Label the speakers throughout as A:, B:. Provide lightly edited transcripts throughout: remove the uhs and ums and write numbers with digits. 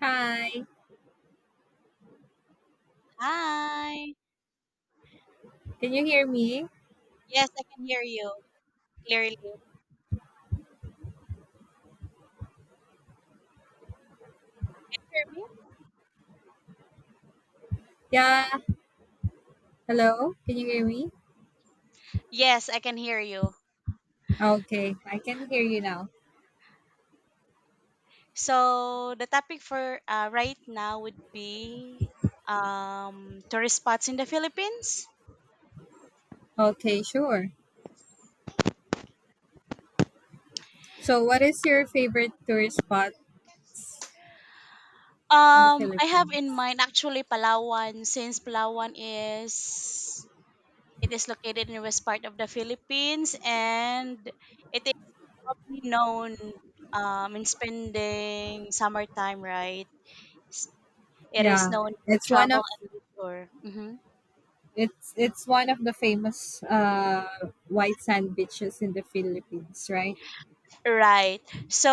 A: Hi,
B: Hi.
A: can you hear me?
B: Yes, I can hear you clearly. Can you hear me?
A: Yeah, hello, can you hear me?
B: Yes, I can hear you.
A: Okay, I can hear you now.
B: So the topic for right now would be tourist spots in the Philippines.
A: Okay, sure. So, what is your favorite tourist spot in the
B: I have
A: Philippines?
B: in mind actually Palawan since Palawan is it is located in the west part of the Philippines and it is probably known in spending summertime, right? S- It is
A: Yeah,
B: known for
A: it's one
B: travel
A: of
B: and leisure. Mhm.
A: it's one of the famous white sand beaches in the Philippines, right?
B: Right. So,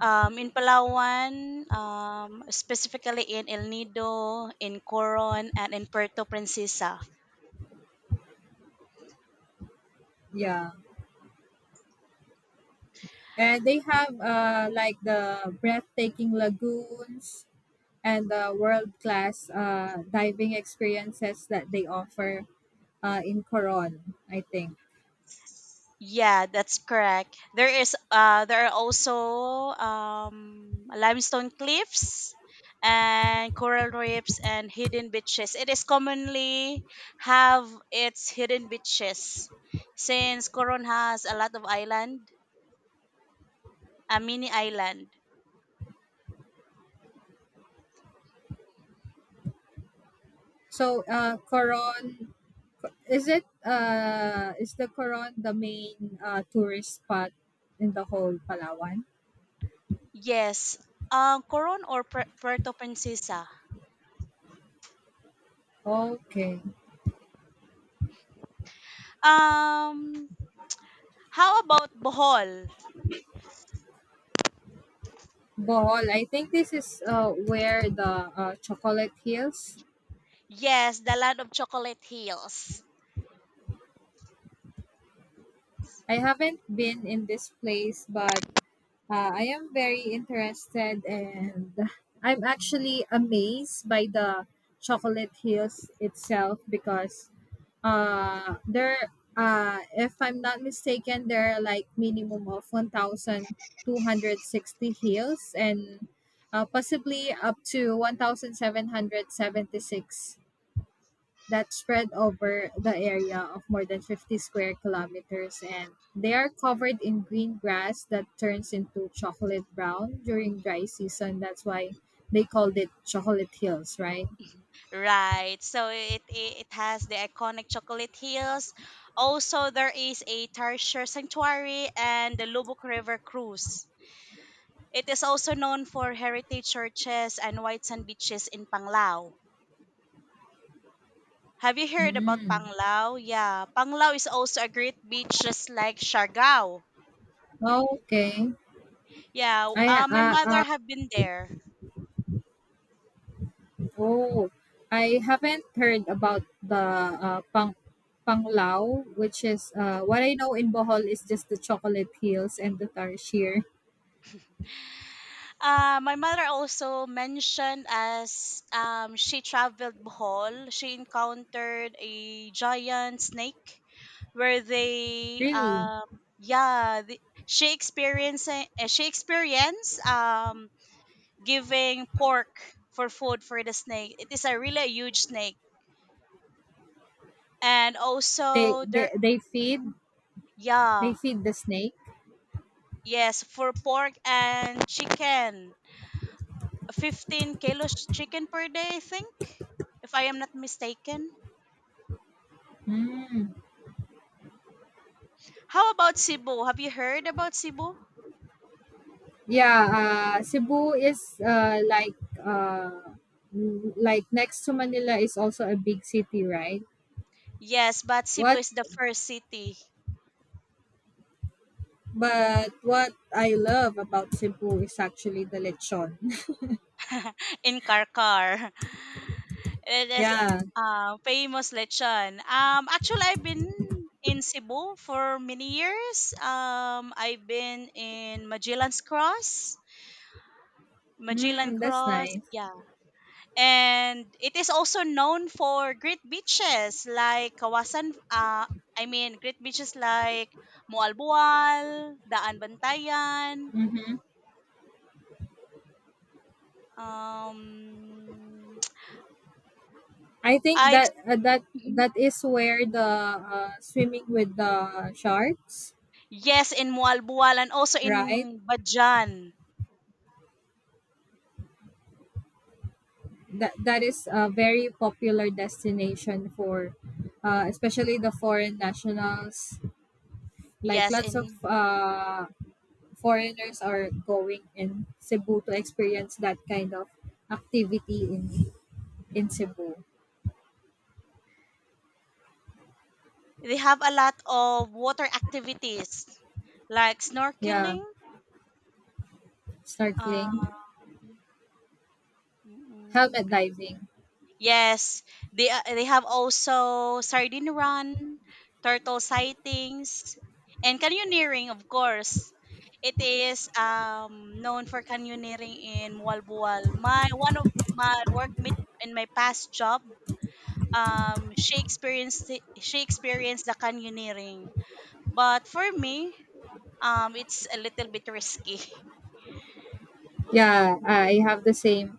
B: in Palawan, specifically in El Nido, in Coron, and in Puerto Princesa.
A: Yeah. And they have like the breathtaking lagoons and the world-class diving experiences that they offer in Coron, I think.
B: Yeah, that's correct. There are also limestone cliffs and coral reefs and hidden beaches. It is commonly have its hidden beaches since Coron has a lot of island, a mini island.
A: So, Coron, is it? Is the Coron the main tourist spot in the whole Palawan?
B: Yes, Coron or Puerto Princesa.
A: Okay,
B: Um, how about Bohol?
A: Bohol. I think this is where the Chocolate Hills.
B: Yes, the land of chocolate hills.
A: I haven't been in this place, but I am very interested, and I'm actually amazed by the Chocolate Hills itself because there if I'm not mistaken there are like minimum of 1260 hills and possibly up to 1776 that spread over the area of more than 50 square kilometers, and they are covered in green grass that turns into chocolate brown during dry season. That's why they called it Chocolate Hills, right?
B: Right. So it has the iconic chocolate hills. Also, there is a Tarsier Sanctuary and the Lubuk River Cruise. It is also known for heritage churches and white sand beaches in Panglao. Have you heard about
A: Mm.
B: Panglao? Yeah, Panglao is also a great beach just like Siargao.
A: Okay.
B: Yeah,
A: I
B: my mother have been there.
A: Oh, I haven't heard about the uh, pang panglao, which is, what I know in Bohol is just the Chocolate Hills and the tarsier.
B: My mother also mentioned as she traveled Bohol, she encountered a giant snake where they
A: Really,
B: yeah the, she experienced giving pork for food for the snake. It is a really huge snake, and
A: they
B: also there.
A: they they feed,
B: Mhm. Yeah,
A: they feed the snake.
B: yes, for pork and chicken, 15 kilos chicken per day, I think, if I am not mistaken.
A: Mm.
B: How about Cebu? Have you heard about Cebu?
A: Yeah, Cebu is, like, next to Manila is also a big city, right?
B: Yes, but Cebu
A: What
B: is the first city.
A: But what I love about Cebu is actually the lechon.
B: In Karkar. It is
A: Yeah,
B: famous lechon. Actually, I've been in Cebu for many years. I've been in Magellan's Cross. Magellan
A: mm, that's
B: Cross,
A: nice.
B: yeah. And it is also known for great beaches like I mean great beaches like Mualbual, Daan Bantayan,
A: Mhm.
B: um
A: I think
B: I ex-
A: that that
B: Mhm.
A: that is where the, swimming with the sharks,
B: Yes, in Mualbual and also
A: right?
B: in Bajan.
A: That that is a very popular destination for, especially the foreign nationals. Like
B: Yes,
A: lots of
B: in
A: foreigners are going in Cebu to experience that kind of activity in Cebu.
B: They have a lot of water activities like
A: Yeah,
B: snorkeling. Um,
A: snorkeling,
B: mm-hmm.
A: helmet diving.
B: Yes, they have also sardine run, turtle sightings, and canyoneering, of course. It is known for canyoneering in Mualbual. My one of my workmate in my past job, she experienced the canyoneering, but for me, it's a little bit risky.
A: Yeah, I have the same.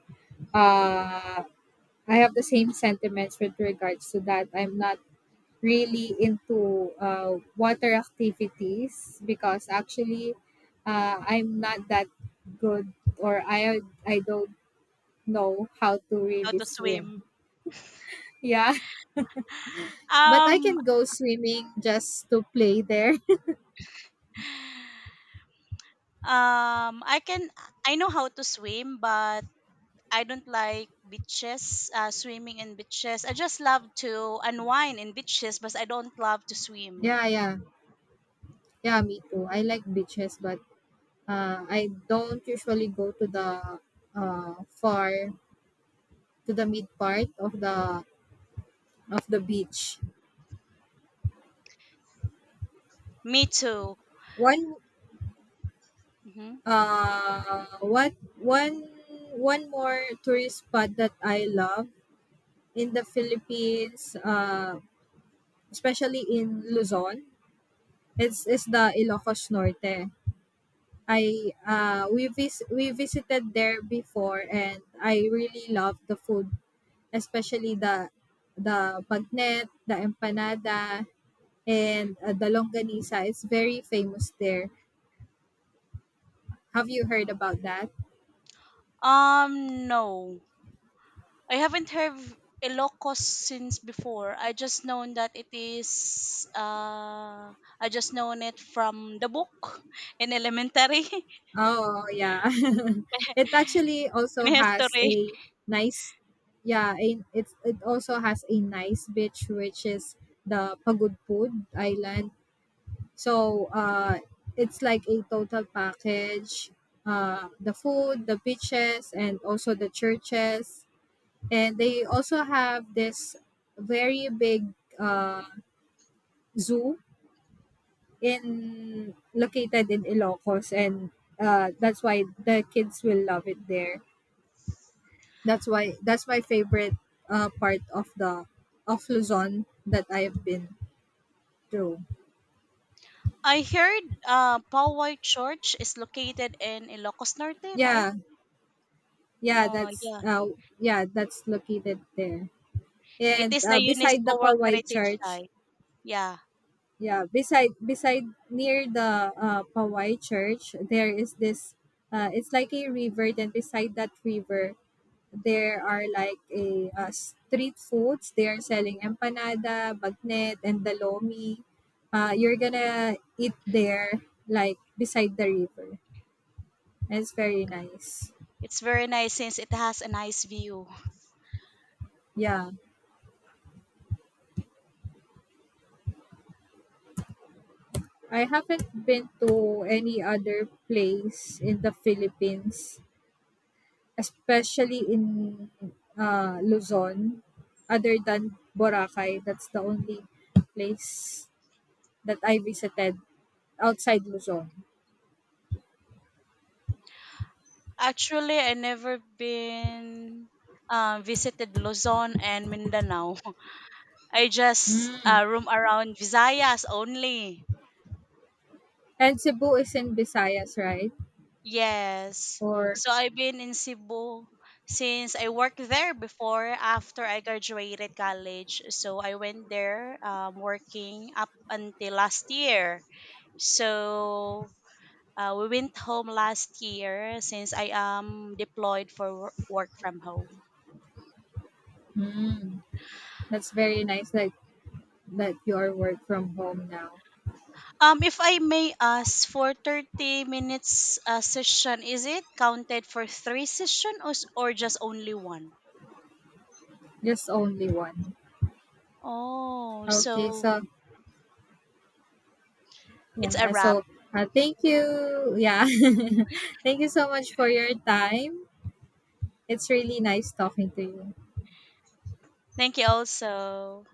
A: Uh, I have the same sentiments with regards to that. I'm not really into water activities, because actually I'm not that good, or I don't know how to
B: How
A: really
B: to
A: swim.
B: swim.
A: Yeah, but I
B: Um,
A: can go swimming just to play there.
B: um, I can I know how to swim, but I don't like beaches, swimming in beaches. I just love to unwind in beaches, but I don't love to swim.
A: Yeah, yeah. Yeah, me too. I like beaches, but I don't usually go to the far, to the mid part of the beach.
B: Me too.
A: One
B: Hmm.
A: What one more tourist spot that I love in the Philippines, especially in Luzon, it's is the Ilocos Norte. We visited there before, and I really love the food, especially the bagnet, the empanada, and the longganisa. It's very famous there. Have you heard about that?
B: No, I haven't heard Ilocos since before. I just known that it is. I just known it from the book in elementary
A: Oh, yeah. It actually also
B: in
A: has
B: history.
A: a nice, yeah, it's, it also has a nice beach, which is the Pagudpud Island. So it's like a total package. The food, the beaches, and also the churches. And they also have this very big uh, zoo in located in Ilocos, and that's why the kids will love it there. That's why that's my favorite part of the of Luzon that I have been through.
B: I heard Poway Church is located in Ilocos Norte, right?
A: Yeah,
B: Oh yeah,
A: yeah, that's located there.
B: it
A: And
B: is the
A: beside the
B: UNESCO World
A: Pawai
B: Heritage
A: Church,
B: Site. Yeah,
A: yeah, beside near the, Pawai Church, there is this. It's like a river. Then beside that river, there are like a street foods. They are selling empanada, bagnet, and dalomi. You're gonna eat there, like beside the river. It's very nice.
B: it's very nice since it has a nice view.
A: Yeah, I haven't been to any other place in the Philippines, especially in Luzon, other than Boracay. That's the only place that I visited outside Luzon.
B: Actually, I never been visited Luzon and Mindanao. I just
A: Mm.
B: roam around Visayas only.
A: And Cebu is in Visayas, right?
B: Yes.
A: Or
B: So I've been in Cebu since I worked there before after I graduated college. So I went there working up until last year. So we went home last year since I am deployed for work from home.
A: hmm, that's very nice that that you are work from home now.
B: If I may ask, for 30 minutes session, is it counted for three session or or just only one?
A: Just only one.
B: Oh,
A: Okay,
B: so
A: so
B: it's a
A: yeah,
B: wrap.
A: so thank you. Yeah, thank you so much for your time. It's really nice talking to you.
B: Thank you also.